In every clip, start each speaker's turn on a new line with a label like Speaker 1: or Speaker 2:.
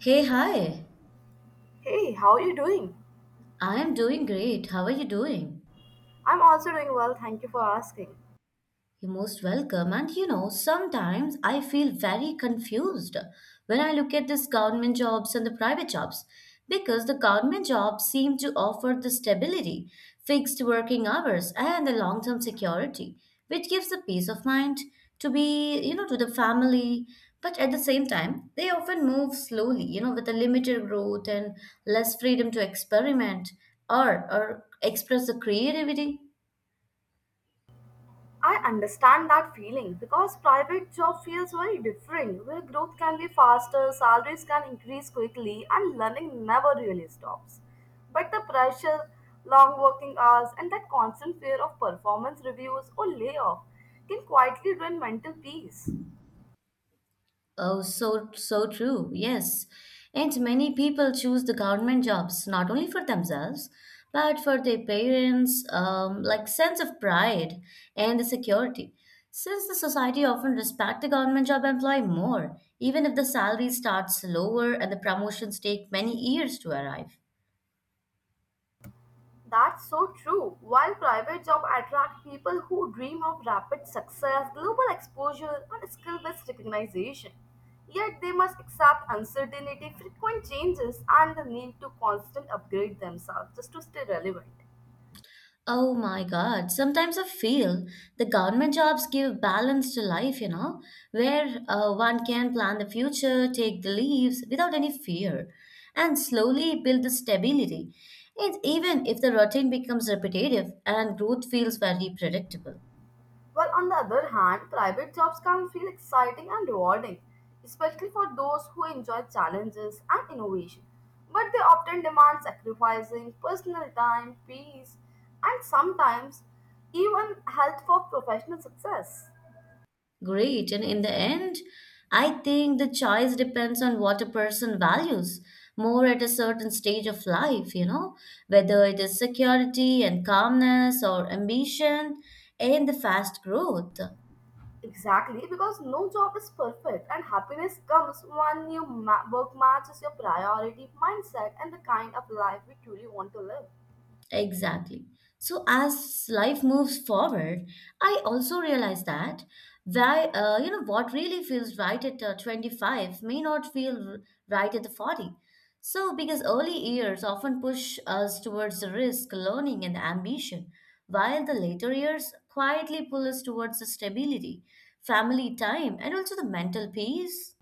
Speaker 1: Hey, hi.
Speaker 2: Hey, how are you doing?
Speaker 1: I am doing great. How are you doing?
Speaker 2: I'm also doing well, thank you for asking.
Speaker 1: You're most welcome. And you know, sometimes I feel very confused when I look at these government jobs and the private jobs because the government jobs seem to offer the stability, fixed working hours, and the long term security, which gives the peace of mind to be, you know, to the family. But at the same time, they often move slowly, you know, with a limited growth and less freedom to experiment or express the creativity.
Speaker 2: I understand that feeling because private job feels very different where growth can be faster, salaries can increase quickly and learning never really stops. But the pressure, long working hours and that constant fear of performance reviews or layoff can quietly ruin mental peace.
Speaker 1: Oh, so true. Yes. And many people choose the government jobs not only for themselves, but for their parents, like sense of pride and the security. Since the society often respect the government job employee more, even if the salary starts lower and the promotions take many years to arrive.
Speaker 2: That's so true. While private jobs attract people who dream of rapid success, global exposure, and skill based recognition, yet they must accept uncertainty, frequent changes, and the need to constantly upgrade themselves just to stay relevant.
Speaker 1: Oh my God. Sometimes I feel the government jobs give balance to life, you know, where one can plan the future, take the leaves without any fear, and slowly build the stability. And even if the routine becomes repetitive and growth feels very predictable.
Speaker 2: While on the other hand, private jobs can feel exciting and rewarding, especially for those who enjoy challenges and innovation. But they often demand sacrificing personal time, peace, and sometimes even health for professional success.
Speaker 1: Great. And in the end, I think the choice depends on what a person values more at a certain stage of life, you know, whether it is security and calmness or ambition and the fast growth.
Speaker 2: Exactly, because no job is perfect, and happiness comes when your work matches your priority, mindset, and the kind of life we truly want to live.
Speaker 1: Exactly. So as life moves forward, I also realize that why you know what really feels right at 25 may not feel right at the 40. So because early years often push us towards the risk, learning and ambition, while the later years quietly pull us towards the stability, family time and also the mental peace.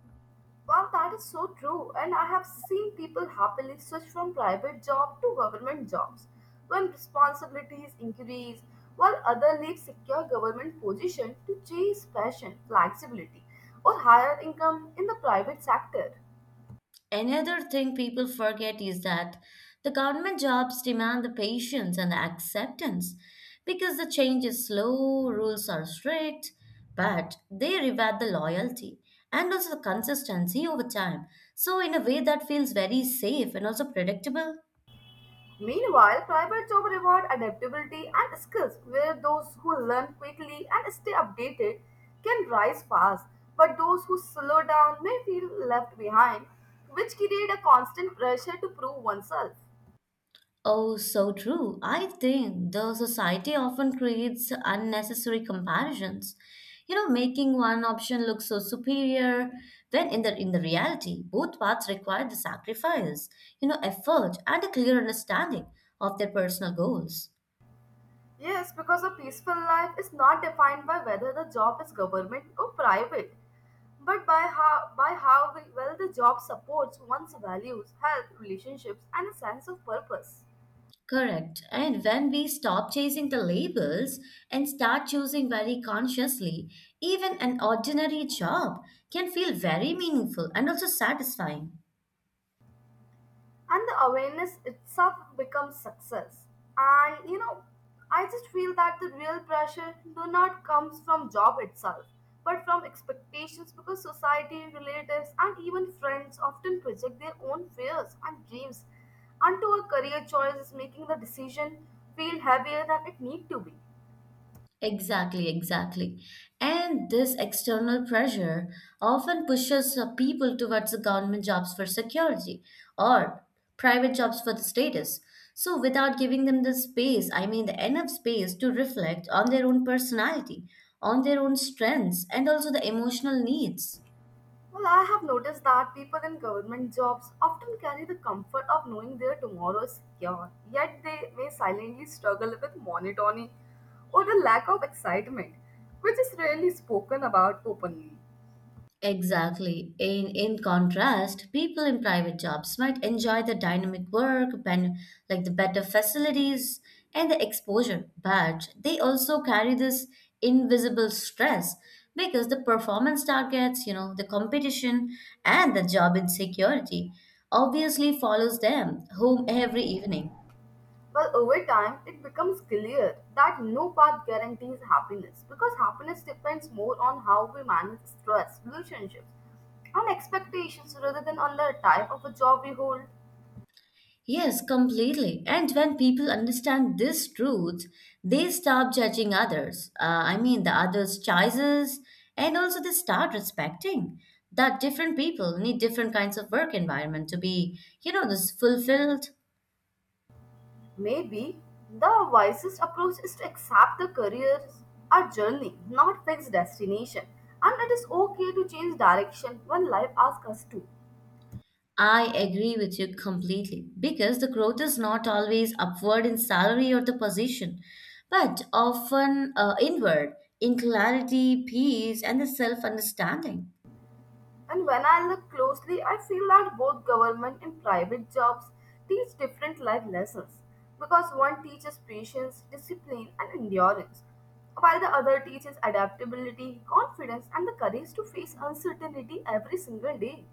Speaker 2: Well, that is so true, and I have seen people happily switch from private job to government jobs when responsibilities increase, while others leave secure government position to chase passion, flexibility, or higher income in the private sector.
Speaker 1: Another thing people forget is that the government jobs demand the patience and the acceptance because the change is slow, rules are strict, but they reward the loyalty and also the consistency over time. So, in a way that feels very safe and also predictable.
Speaker 2: Meanwhile, private job reward adaptability and skills where those who learn quickly and stay updated can rise fast, but those who slow down may feel left behind, which create a constant pressure to prove oneself.
Speaker 1: Oh, so true. I think the society often creates unnecessary comparisons. You know, making one option look so superior when in the reality, both paths require the sacrifice, you know, effort and a clear understanding of their personal goals.
Speaker 2: Yes, because a peaceful life is not defined by whether the job is government or private, but by how well the job supports one's values, health, relationships, and a sense of purpose.
Speaker 1: Correct. And when we stop chasing the labels and start choosing very consciously, even an ordinary job can feel very meaningful and also satisfying.
Speaker 2: And the awareness itself becomes success, and you know I just feel that the real pressure do not comes from job itself but from expectations because society relatives and even friends often project their own fears and dreams onto a career choice is making the decision feel heavier than it need to be.
Speaker 1: Exactly, exactly. And this external pressure often pushes people towards the government jobs for security or private jobs for the status. So, without giving them the space, I mean, the enough space to reflect on their own personality, on their own strengths, and also the emotional needs.
Speaker 2: Well, I have noticed that people in government jobs often carry the comfort of knowing their tomorrow is secure, yet they may silently struggle with monotony or the lack of excitement, which is rarely spoken about openly.
Speaker 1: Exactly. In contrast, people in private jobs might enjoy the dynamic work, like the better facilities and the exposure, but they also carry this invisible stress because the performance targets, you know, the competition and the job insecurity obviously follows them home every evening.
Speaker 2: Well, over time, it becomes clear that no path guarantees happiness because happiness depends more on how we manage stress, relationships, and expectations rather than on the type of a job we hold.
Speaker 1: Yes, completely. And when people understand this truth, they stop judging others. I mean, the others' choices, and also they start respecting that different people need different kinds of work environment to be, you know, this fulfilled.
Speaker 2: Maybe the wisest approach is to accept the career, are journey, not fixed destination. And it is okay to change direction when life asks us to.
Speaker 1: I agree with you completely because the growth is not always upward in salary or the position, but often inward in clarity, peace, and the self understanding.
Speaker 2: And when I look closely, I feel that both government and private jobs teach different life lessons because one teaches patience, discipline, and endurance, while the other teaches adaptability, confidence, and the courage to face uncertainty every single day.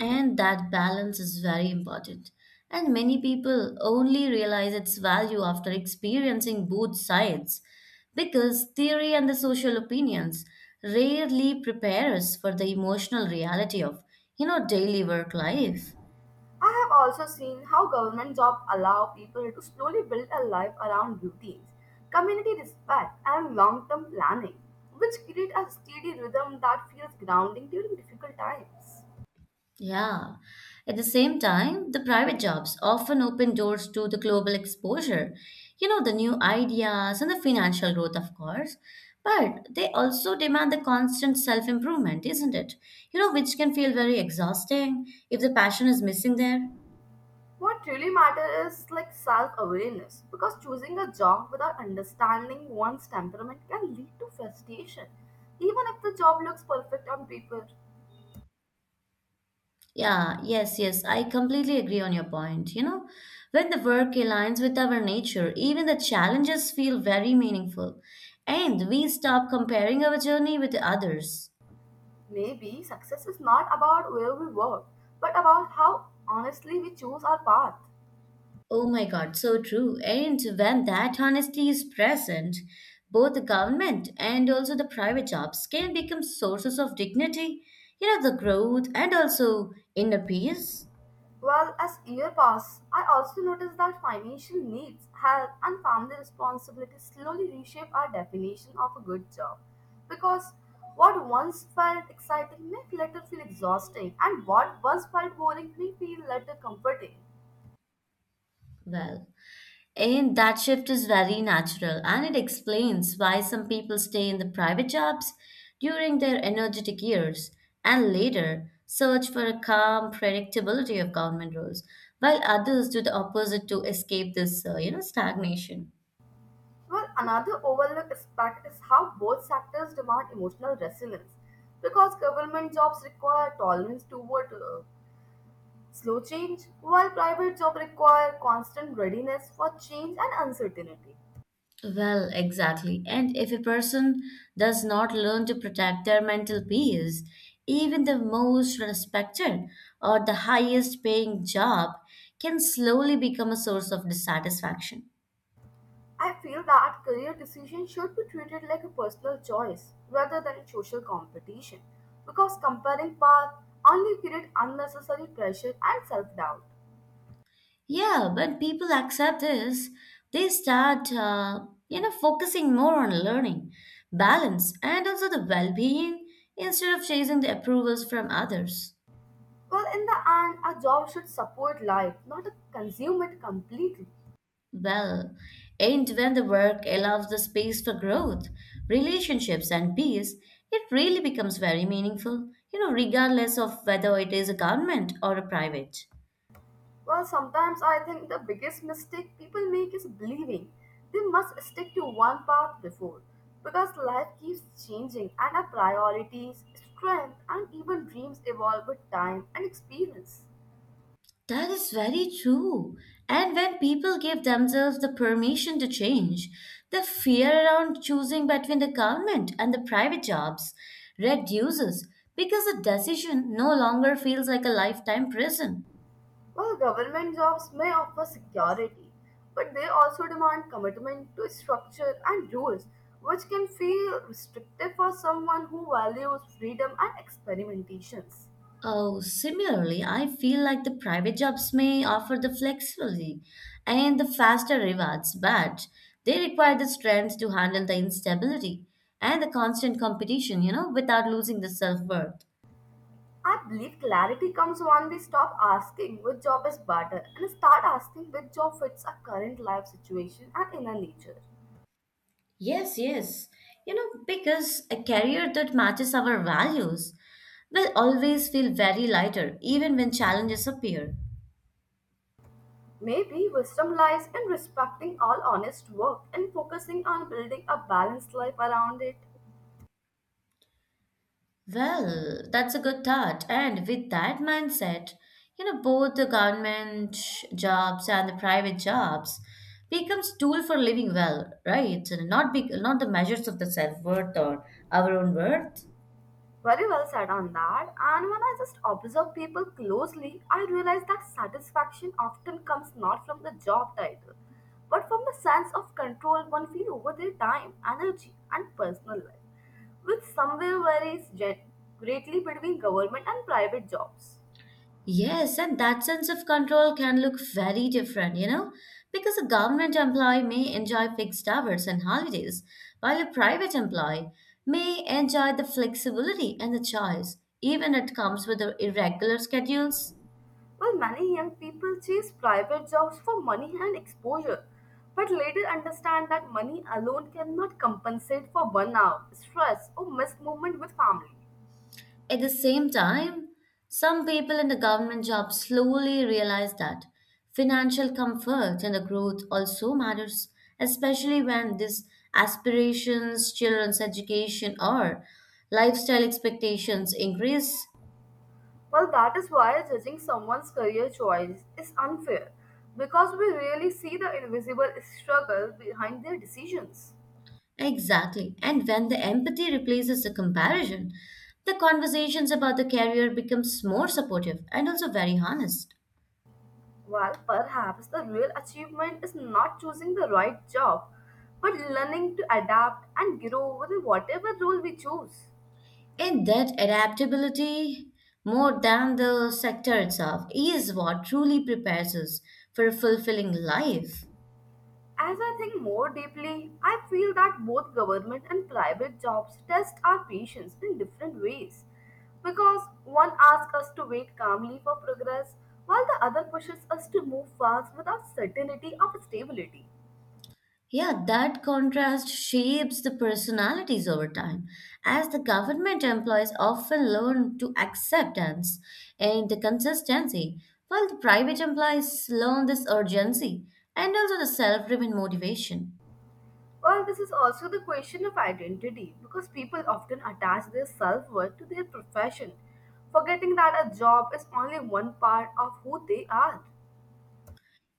Speaker 1: And that balance is very important. And many people only realize its value after experiencing both sides because theory and the social opinions rarely prepare us for the emotional reality of, you know, daily work life.
Speaker 2: I have also seen how government jobs allow people to slowly build a life around routines, community respect, and long term planning, which create a steady rhythm that feels grounding during difficult times.
Speaker 1: Yeah. At the same time, the private jobs often open doors to the global exposure, you know, the new ideas and the financial growth, of course. But they also demand the constant self improvement, isn't it? You know, which can feel very exhausting if the passion is missing there.
Speaker 2: What really matters is like self awareness, because choosing a job without understanding one's temperament can lead to frustration, even if the job looks perfect on paper.
Speaker 1: Yeah, yes, yes, I completely agree on your point. You know, when the work aligns with our nature, even the challenges feel very meaningful, and we stop comparing our journey with the others.
Speaker 2: Maybe success is not about where we work, but about how honestly we choose our path.
Speaker 1: Oh my God, so true. And when that honesty is present, both the government and also the private jobs can become sources of dignity, you know, the growth and also inner peace.
Speaker 2: Well, as years pass, I also notice that financial needs, health, and family responsibilities slowly reshape our definition of a good job. Because what once felt exciting may later feel exhausting, and what once felt boring may feel later comforting.
Speaker 1: Well, and that shift is very natural and it explains why some people stay in the private jobs during their energetic years and later search for a calm predictability of government roles, while others do the opposite to escape this, you know, stagnation.
Speaker 2: Well, another overlooked aspect is how both sectors demand emotional resilience, because government jobs require tolerance toward slow change, while private jobs require constant readiness for change and uncertainty.
Speaker 1: Well, exactly. And if a person does not learn to protect their mental peace, even the most respected or the highest paying job can slowly become a source of dissatisfaction.
Speaker 2: I feel that career decisions should be treated like a personal choice rather than a social competition because comparing paths only create unnecessary pressure and self doubt.
Speaker 1: Yeah, when people accept this, they start, you know, focusing more on learning, balance, and also the well being instead of chasing the approvals from others.
Speaker 2: Well, in the end, a job should support life, not consume it completely.
Speaker 1: Well, and when the work allows the space for growth, relationships, and peace, it really becomes very meaningful, you know, regardless of whether it is a government or a private.
Speaker 2: Well, sometimes I think the biggest mistake people make is believing they must stick to one path before because life keeps changing and our priorities, strength, and even dreams evolve with time and experience.
Speaker 1: That is very true. And when people give themselves the permission to change, the fear around choosing between the government and the private jobs reduces because the decision no longer feels like a lifetime prison.
Speaker 2: While government jobs may offer security, but they also demand commitment to structure and rules, which can feel restrictive for someone who values freedom and experimentations.
Speaker 1: Oh, similarly, I feel like the private jobs may offer the flexibility and the faster rewards, but they require the strength to handle the instability and the constant competition, you know, without losing the self-worth.
Speaker 2: I believe clarity comes when we stop asking which job is better and start asking which job fits our current life situation and inner nature.
Speaker 1: Yes, yes. You know, because a career that matches our values will always feel very lighter, even when challenges appear.
Speaker 2: Maybe wisdom lies in respecting all honest work and focusing on building a balanced life around it.
Speaker 1: Well, that's a good thought. And with that mindset, you know, both the government jobs and the private jobs becomes tool for living well, right? And Not big, not the measures of the self-worth or our own worth.
Speaker 2: Very well said on that. And when I just observe people closely, I realize that satisfaction often comes not from the job title, but from the sense of control one feels over their time, energy, and personal life, which somewhere varies greatly between government and private jobs.
Speaker 1: Yes, and that sense of control can look very different, you know, because a government employee may enjoy fixed hours and holidays, while a private employee may enjoy the flexibility and the choice, even it comes with the irregular schedules.
Speaker 2: While many young people chase private jobs for money and exposure, but later understand that money alone cannot compensate for burnout, stress, or missed movement with family.
Speaker 1: At the same time, some people in the government job slowly realize that financial comfort and the growth also matters, especially when these aspirations, children's education, or lifestyle expectations increase.
Speaker 2: Well, that is why judging someone's career choice is unfair because we really see the invisible struggle behind their decisions.
Speaker 1: Exactly. And when the empathy replaces the comparison, the conversations about the career becomes more supportive and also very honest.
Speaker 2: While perhaps the real achievement is not choosing the right job, but learning to adapt and grow with whatever role we choose.
Speaker 1: And that adaptability, more than the sector itself, is what truly prepares us for a fulfilling life.
Speaker 2: As I think more deeply, I feel that both government and private jobs test our patience in different ways. Because one asks us to wait calmly for progress, while the other pushes us to move fast without certainty of stability.
Speaker 1: Yeah, that contrast shapes the personalities over time, as the government employees often learn to acceptance and the consistency, while the private employees learn this urgency and also the self-driven motivation.
Speaker 2: Well, this is also the question of identity, because people often attach their self worth to their profession, forgetting that a job is only one part of who they are.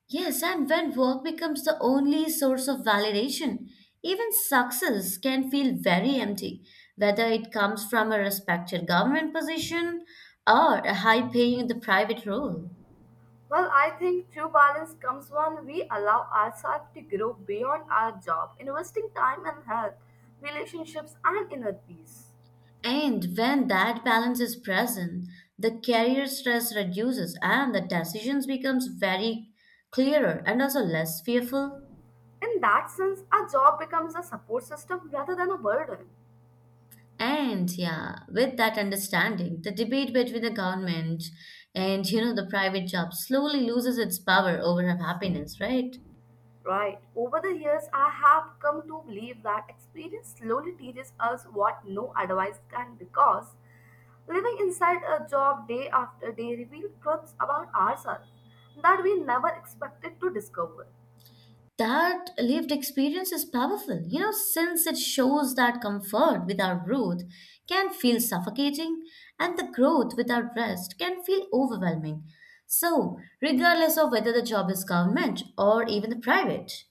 Speaker 1: Yes, and when work becomes the only source of validation, even success can feel very empty, whether it comes from a respected government position or a high paying in the private role.
Speaker 2: Well, I think true balance comes when we allow ourselves to grow beyond our job, investing time and health, relationships, and inner peace.
Speaker 1: And when that balance is present, the career stress reduces and the decisions becomes very clearer and also less fearful.
Speaker 2: In that sense, our job becomes a support system rather than a burden.
Speaker 1: And yeah, with that understanding, the debate between the government and you know the private job slowly loses its power over our happiness, right?
Speaker 2: Right. Over the years, I have come to believe that experience slowly teaches us what no advice can because living inside a job day after day reveals truths about ourselves that we never expected to discover.
Speaker 1: That lived experience is powerful, you know, since it shows that comfort without growth can feel suffocating and the growth without rest can feel overwhelming. So, regardless of whether the job is government or even the private.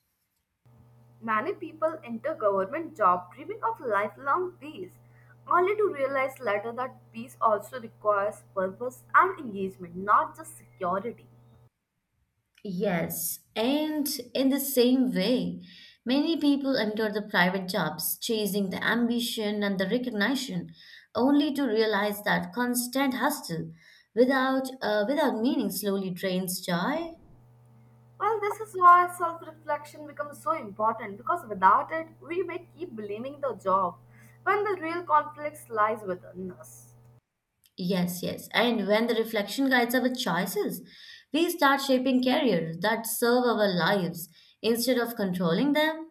Speaker 2: Many people enter government job dreaming of lifelong peace, only to realize later that peace also requires purpose and engagement, not just security.
Speaker 1: Yes, and in the same way, many people enter the private jobs chasing the ambition and the recognition, only to realize that constant hustle without without meaning slowly drains joy.
Speaker 2: Well, this is why self reflection becomes so important because without it, we may keep blaming the job when the real conflicts lies within us.
Speaker 1: Yes, yes, and when the reflection guides our choices, we start shaping careers that serve our lives instead of controlling them.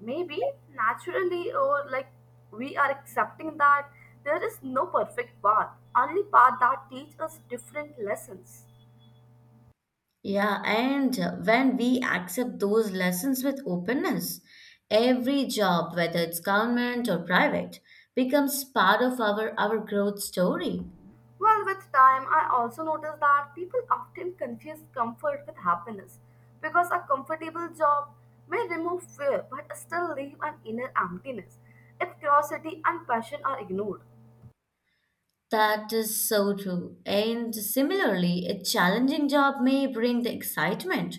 Speaker 2: Maybe naturally, or like we are accepting that there is no perfect path, only path that teach us different lessons.
Speaker 1: Yeah, and when we accept those lessons with openness, every job, whether it's government or private, becomes part of our growth story.
Speaker 2: Well, with time, I also noticed that people often confuse comfort with happiness because a comfortable job may remove fear but still leave an inner emptiness if curiosity and passion are ignored.
Speaker 1: That is so true. And similarly, a challenging job may bring the excitement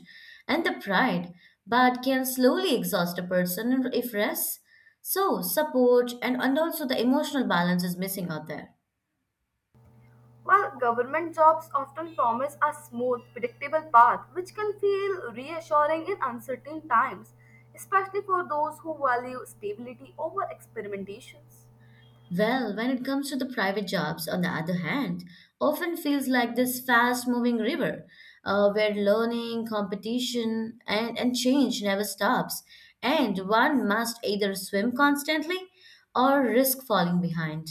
Speaker 1: and the pride, but can slowly exhaust a person if rest. So, support and also the emotional balance is missing out there.
Speaker 2: While government jobs often promise a smooth, predictable path which can feel reassuring in uncertain times, especially for those who value stability over experimentations.
Speaker 1: Well, when it comes to the private jobs, on the other hand, often feels like this fast-moving river, where learning, competition, and change never stops, and one must either swim constantly or risk falling behind.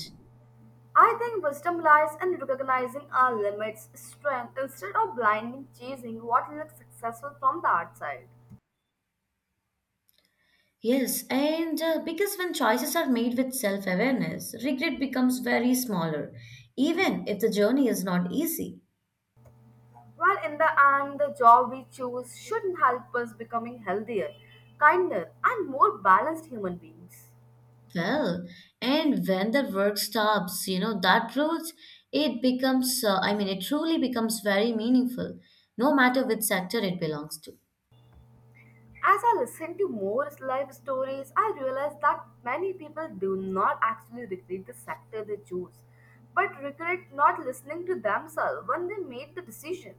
Speaker 2: I think wisdom lies in recognizing our limits, strength, instead of blindly chasing what looks successful from the outside.
Speaker 1: Yes, and because when choices are made with self-awareness, regret becomes very smaller, even if the journey is not easy.
Speaker 2: While in the end, the job we choose should help us becoming healthier, kinder, and more balanced human beings.
Speaker 1: Well, and when that work stops, you know, that roots, it becomes, I mean, it truly becomes very meaningful, no matter which sector it belongs to.
Speaker 2: As I listen to more life stories, I realize that many people do not actually regret the sector they choose, but regret not listening to themselves when they made the decision.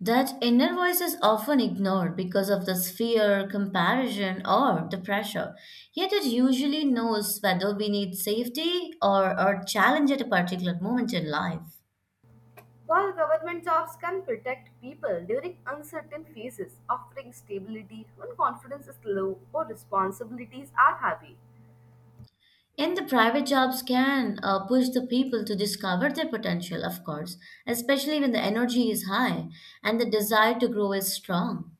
Speaker 1: That inner voice is often ignored because of the fear, comparison, or the pressure. Yet it usually knows whether we need safety or challenge at a particular moment in life.
Speaker 2: While government jobs can protect people during uncertain phases, offering stability when confidence is low or responsibilities are heavy,
Speaker 1: And the private jobs can push the people to discover their potential, of course, especially when the energy is high and the desire to grow is strong.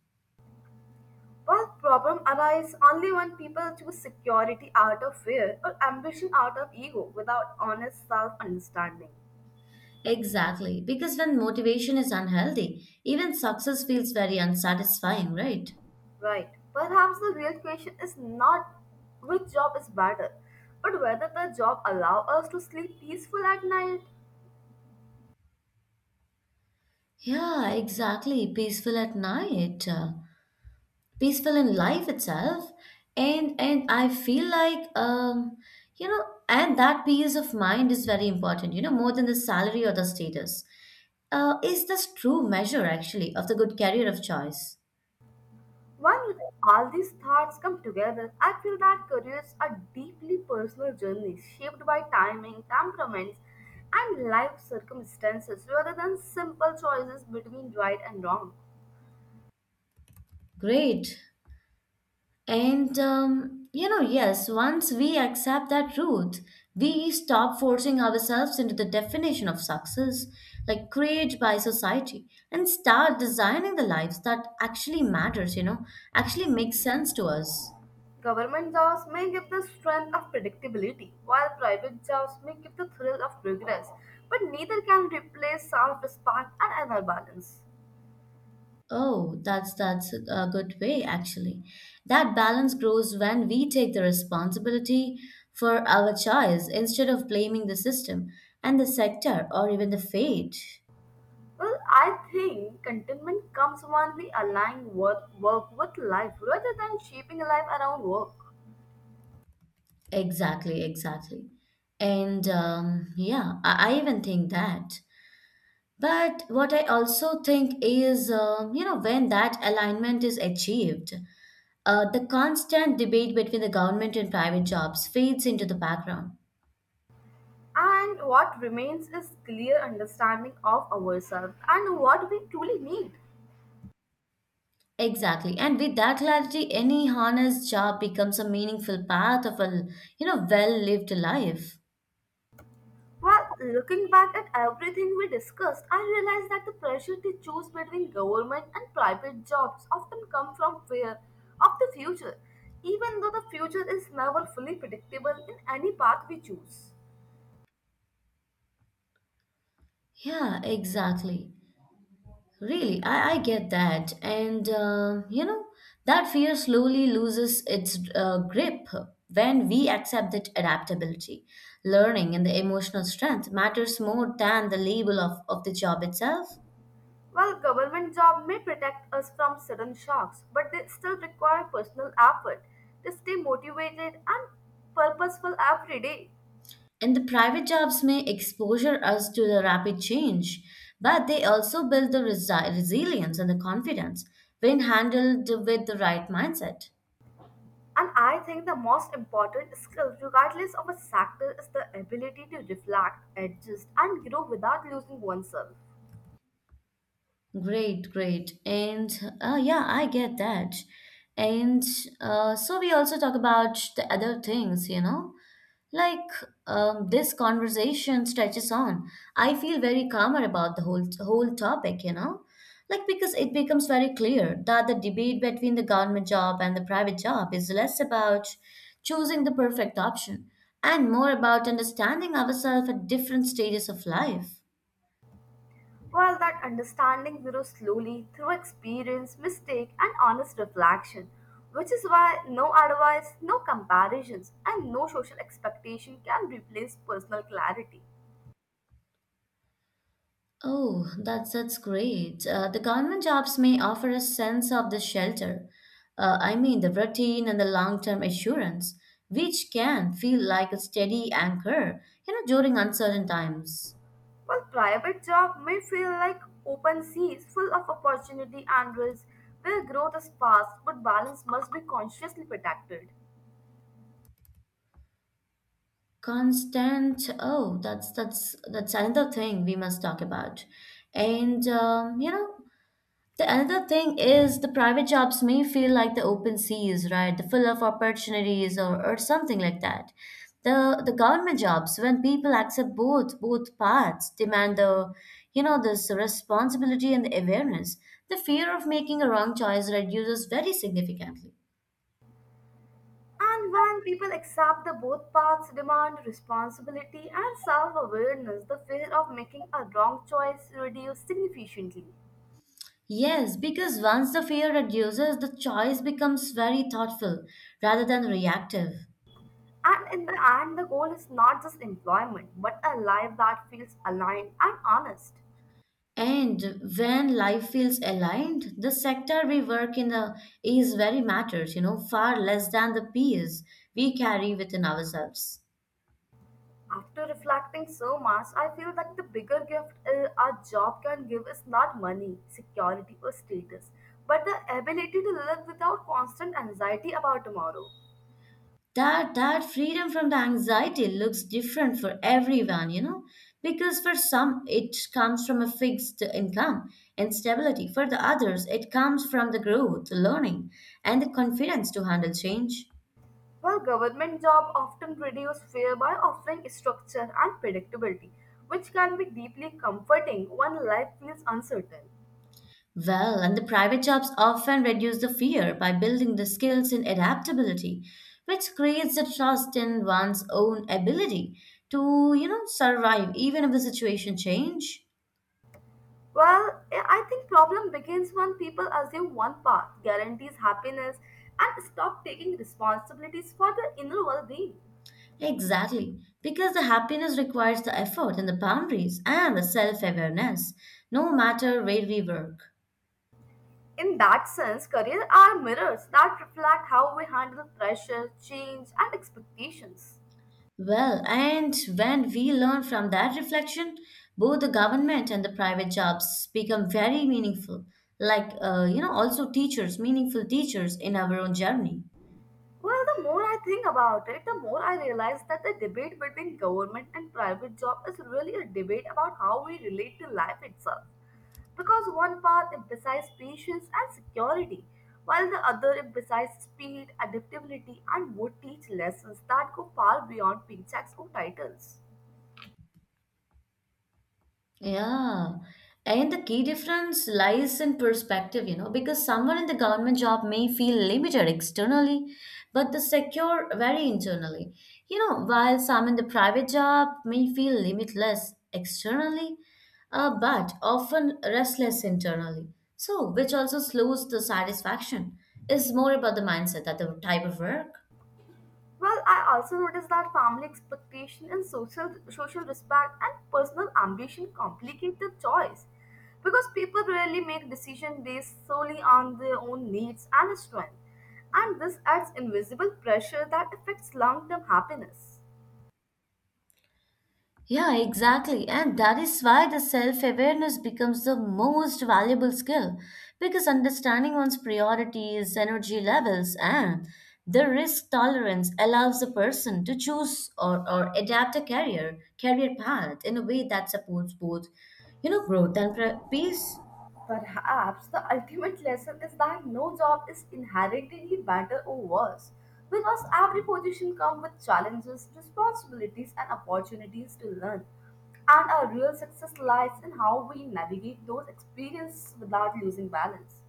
Speaker 2: while problems arise only when people choose security out of fear or ambition out of ego without honest self understanding.
Speaker 1: Exactly, because when motivation is unhealthy, even success feels very unsatisfying, right?
Speaker 2: Right. Perhaps the real question is not which job is better, but whether the job allow us to sleep peaceful at night.
Speaker 1: Yeah, exactly. Peaceful at night, peaceful in life itself, and I feel like and that peace of mind is very important. You know, more than the salary or the status. Is this true measure actually of the good career of choice?
Speaker 2: When all these thoughts come together, I feel that careers are deeply personal journeys shaped by timing, temperaments, and life circumstances rather than simple choices between right and wrong.
Speaker 1: Great. And yes, once we accept that truth, we stop forcing ourselves into the definition of success, like created by society, and start designing the lives that actually matters, actually makes sense to us.
Speaker 2: Government jobs may give the strength of predictability, while private jobs may give the thrill of progress, but neither can replace self respect and inner balance.
Speaker 1: Oh, that's a good way actually. That balance grows when we take the responsibility for our choice instead of blaming the system and the sector or even the fate.
Speaker 2: Well, I think contentment comes when we align work with life rather than shaping life around work.
Speaker 1: Exactly, exactly. And yeah, I even think that. But what I also think is, when that alignment is achieved, the constant debate between the government and private jobs fades into the background.
Speaker 2: And what remains is clear understanding of ourselves and what we truly need.
Speaker 1: Exactly. And with that clarity, any honest job becomes a meaningful part of a well-lived life.
Speaker 2: Well, looking back at everything we discussed, I realized that the pressure to choose between government and private jobs often come from fear of the future, even though the future is never fully predictable in any path we choose.
Speaker 1: Yeah, exactly. Really, I get that. And, that fear slowly loses its grip when we accept that adaptability. Learning and the emotional strength matters more than the label of the job itself.
Speaker 2: While government job may protect us from sudden shocks, but they still require personal effort to stay motivated and purposeful every day.
Speaker 1: And the private jobs may exposure us to the rapid change, but they also build the resilience and the confidence when handled with the right mindset.
Speaker 2: And I think the most important skill, regardless of a sector, is the ability to reflect, adjust, and grow without losing oneself.
Speaker 1: Great, great. And yeah, I get that. And so we also talk about the other things, like this conversation stretches on. I feel very calmer about the whole topic, like because it becomes very clear that the debate between the government job and the private job is less about choosing the perfect option and more about understanding ourselves at different stages of life.
Speaker 2: Well, that understanding grows slowly through experience, mistake, and honest reflection, which is why no advice, no comparisons, and no social expectation can replace personal clarity.
Speaker 1: Oh, that's great. The government jobs may offer a sense of the shelter. I mean, the routine and the long-term assurance, which can feel like a steady anchor, during uncertain times.
Speaker 2: While private job may feel like open seas full of opportunity and risk, where growth is fast, but balance must be consciously protected.
Speaker 1: Constant. Oh, that's another thing we must talk about. And the another thing is the private jobs may feel like the open seas, right? The full of opportunities or something like that. The government jobs, when people accept both paths, demand the this responsibility and the awareness, the fear of making a wrong choice reduces very significantly.
Speaker 2: And when people accept the both paths demand responsibility and self awareness, the fear of making a wrong choice reduces significantly.
Speaker 1: Yes, because once the fear reduces, the choice becomes very thoughtful rather than reactive.
Speaker 2: And in the end, the goal is not just employment, but a life that feels aligned and honest.
Speaker 1: And when life feels aligned, the sector we work in is very matters, far less than the peers we carry within ourselves.
Speaker 2: After reflecting so much, I feel that the bigger gift our job can give is not money, security, or status, but the ability to live without constant anxiety about tomorrow.
Speaker 1: That freedom from the anxiety looks different for everyone, because for some it comes from a fixed income and stability. For the others, it comes from the growth, learning, and the confidence to handle change.
Speaker 2: Well, government jobs often reduce fear by offering structure and predictability, which can be deeply comforting when life feels uncertain.
Speaker 1: Well, and the private jobs often reduce the fear by building the skills in adaptability, which creates the trust in one's own ability to survive even if the situation change.
Speaker 2: Well, I think problem begins when people assume one path guarantees happiness and stop taking responsibilities for their inner well-being.
Speaker 1: Exactly, because the happiness requires the effort and the boundaries and the self-awareness, no matter where we work.
Speaker 2: In that sense, careers are mirrors that reflect how we handle pressure, change, and expectations.
Speaker 1: Well, and when we learn from that reflection, both the government and the private jobs become very meaningful. Like, also teachers, meaningful teachers in our own journey.
Speaker 2: Well, the more I think about it, the more I realize that the debate between government and private job is really a debate about how we relate to life itself. Because one path emphasizes patience and security, while the other emphasizes speed, adaptability, and would teach lessons that go far beyond paychecks or titles.
Speaker 1: Yeah. And the key difference lies in perspective, because someone in the government job may feel limited externally, but the secure very internally. You know, while some in the private job may feel limitless externally, but often restless internally. So, which also slows the satisfaction. Is more about the mindset that the type of work.
Speaker 2: Well, I also noticed that family expectation and social respect and personal ambition complicate the choice because people rarely make decisions based solely on their own needs and strength, and this adds invisible pressure that affects long-term happiness.
Speaker 1: Yeah, exactly. And that is why the self awareness becomes the most valuable skill because understanding one's priorities, energy levels, and the risk tolerance allows a person to choose or adapt a career path in a way that supports both growth and peace.
Speaker 2: Perhaps the ultimate lesson is that no job is inherently better or worse because every position comes with challenges, responsibilities, and opportunities to learn. And our real success lies in how we navigate those experiences without losing balance.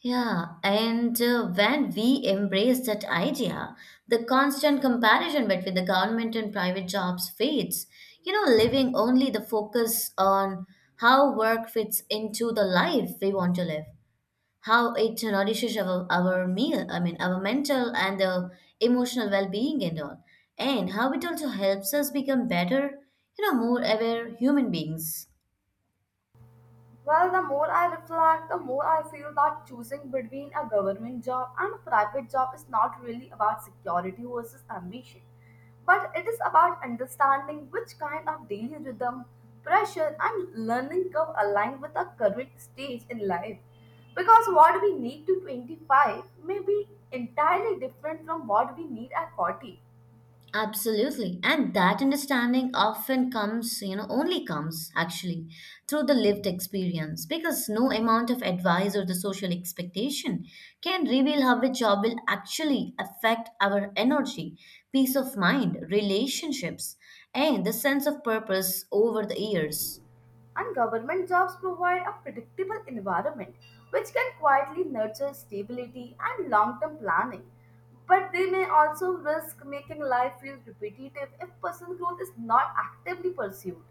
Speaker 1: Yeah, and when we embrace that idea, the constant comparison between the government and private jobs fades. You know, leaving only the focus on how work fits into the life we want to live, how it nourishes our meal, I mean, our mental and the emotional well being and all, and how it also helps us become better, more aware human beings.
Speaker 2: Well, the more I reflect, the more I feel that choosing between a government job and a private job is not really about security versus ambition, but it is about understanding which kind of daily rhythm, pressure, and learning curve align with our current stage in life. Because what we need to 25 may be entirely different from what we need at 40.
Speaker 1: Absolutely. And that understanding often comes, only comes actually through the lived experience because no amount of advice or the social expectation can reveal how a job will actually affect our energy, peace of mind, relationships, and the sense of purpose over the years.
Speaker 2: And government jobs provide a predictable environment which can quietly nurture stability and long term planning. But they may also risk making life feel repetitive if personal growth is not actively pursued.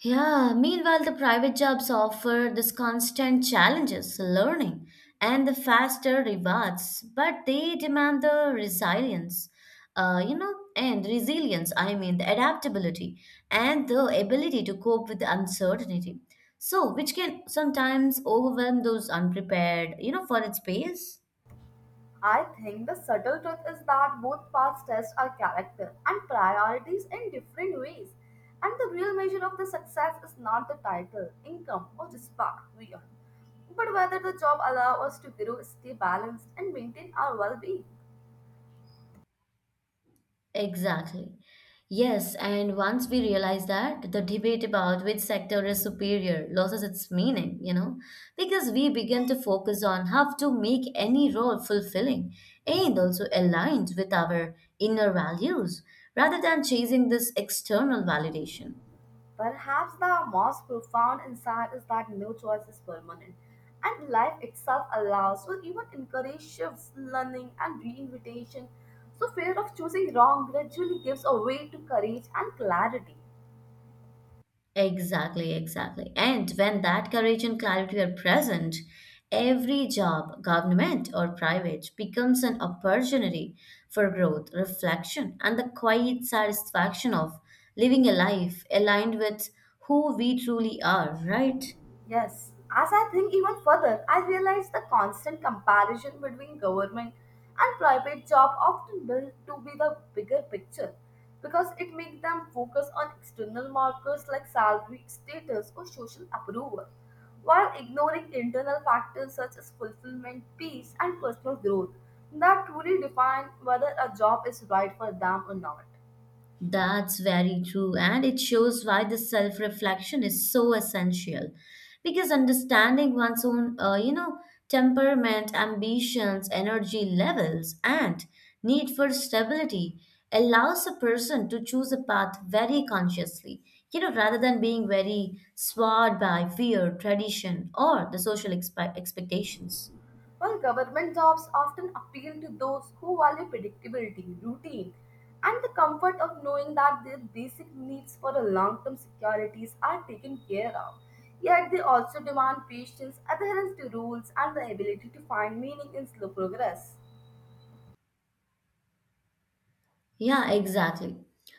Speaker 1: Yeah, meanwhile, the private jobs offer this constant challenges, learning, and the faster rewards, but they demand the resilience, and resilience, I mean, the adaptability and the ability to cope with the uncertainty. So, which can sometimes overwhelm those unprepared, for its pace.
Speaker 2: I think the subtle truth is that both paths test our character and priorities in different ways. And the real measure of the success is not the title, income, or respect we earn, but whether the job allows us to grow, stay balanced, and maintain our well being.
Speaker 1: Exactly. Yes, and once we realize that, the debate about which sector is superior loses its meaning, because we begin to focus on how to make any role fulfilling and also aligned with our inner values rather than chasing this external validation.
Speaker 2: Perhaps the most profound insight is that no choice is permanent, and life itself allows or even encourages shifts, learning, and reinvitation. So, fear of choosing wrong gradually gives a way to courage and clarity.
Speaker 1: Exactly, exactly. And when that courage and clarity are present, every job, government or private, becomes an opportunity for growth, reflection, and the quiet satisfaction of living a life aligned with who we truly are, right?
Speaker 2: Yes, as I think even further, I realize the constant comparison between government and private job often built to be the bigger picture because it makes them focus on external markers like salary, status, or social approval, while ignoring internal factors such as fulfillment, peace, and personal growth that truly define whether a job is right for them or not.
Speaker 1: That's very true, and it shows why the self reflection is so essential. Because understanding one's own, temperament, ambitions, energy levels, and need for stability allows a person to choose a path very consciously, rather than being very swayed by fear, tradition, or the social expectations.
Speaker 2: While government jobs often appeal to those who value predictability, routine, and the comfort of knowing that their basic needs for a long-term securities are taken care of, yet they also demand patience, adherence to rules, and the ability to find meaning in slow progress.
Speaker 1: Yeah, exactly.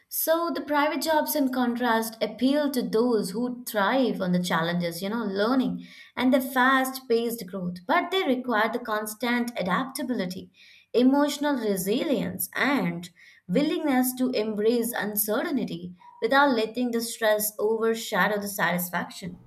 Speaker 1: So the private jobs, in contrast, appeal to those who thrive on the challenges, learning and the fast paced growth, but they require the constant adaptability, emotional resilience, and willingness to embrace uncertainty without letting the stress overshadow the satisfaction.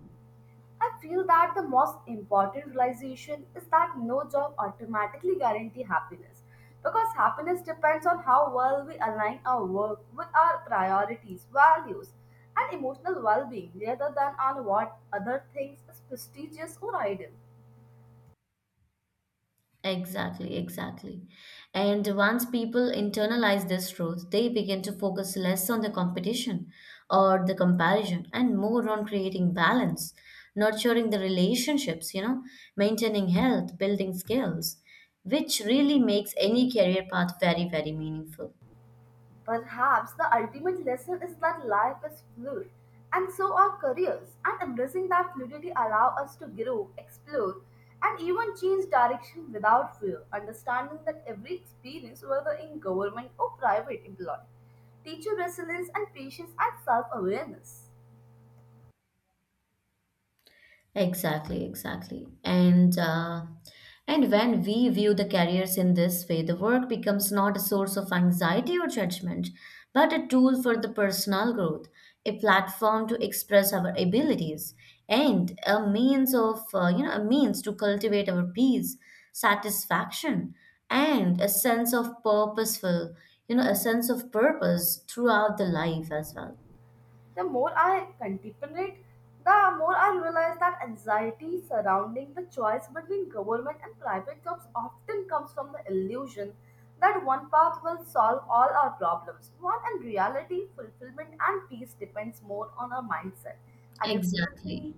Speaker 2: I feel that the most important realization is that no job automatically guarantees happiness because happiness depends on how well we align our work with our priorities, values, and emotional well being rather than on what other things is prestigious or ideal.
Speaker 1: Exactly, exactly. And once people internalize this truth, they begin to focus less on the competition or the comparison and more on creating balance, nurturing the relationships, maintaining health, building skills, which really makes any career path very, very meaningful.
Speaker 2: Perhaps the ultimate lesson is that life is fluid, and so are careers, and embracing that fluidity allow us to grow, explore, and even change direction without fear, understanding that every experience, whether in government or private employment, teaches resilience and patience and self-awareness.
Speaker 1: Exactly, exactly. And when we view the careers in this way, the work becomes not a source of anxiety or judgment, but a tool for the personal growth, a platform to express our abilities, and a means of a means to cultivate our peace, satisfaction, and a sense of purposeful, a sense of purpose throughout the life as well.
Speaker 2: The more I contemplate, the more I realize that anxiety surrounding the choice between government and private jobs often comes from the illusion that one path will solve all our problems, while in reality, fulfillment and peace depends more on our mindset.
Speaker 1: Exactly.
Speaker 2: Adaptability,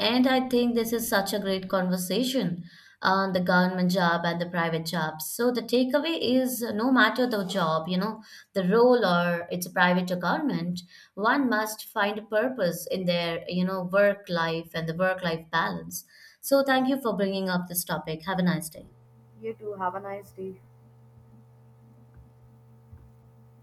Speaker 1: And I think this is such a great conversation on the government job and the private jobs. So the takeaway is no matter the job, the role or it's a private or government, one must find a purpose in their, work life and the work life balance. So thank you for bringing up this topic. Have a nice day.
Speaker 2: you too. Have a nice day.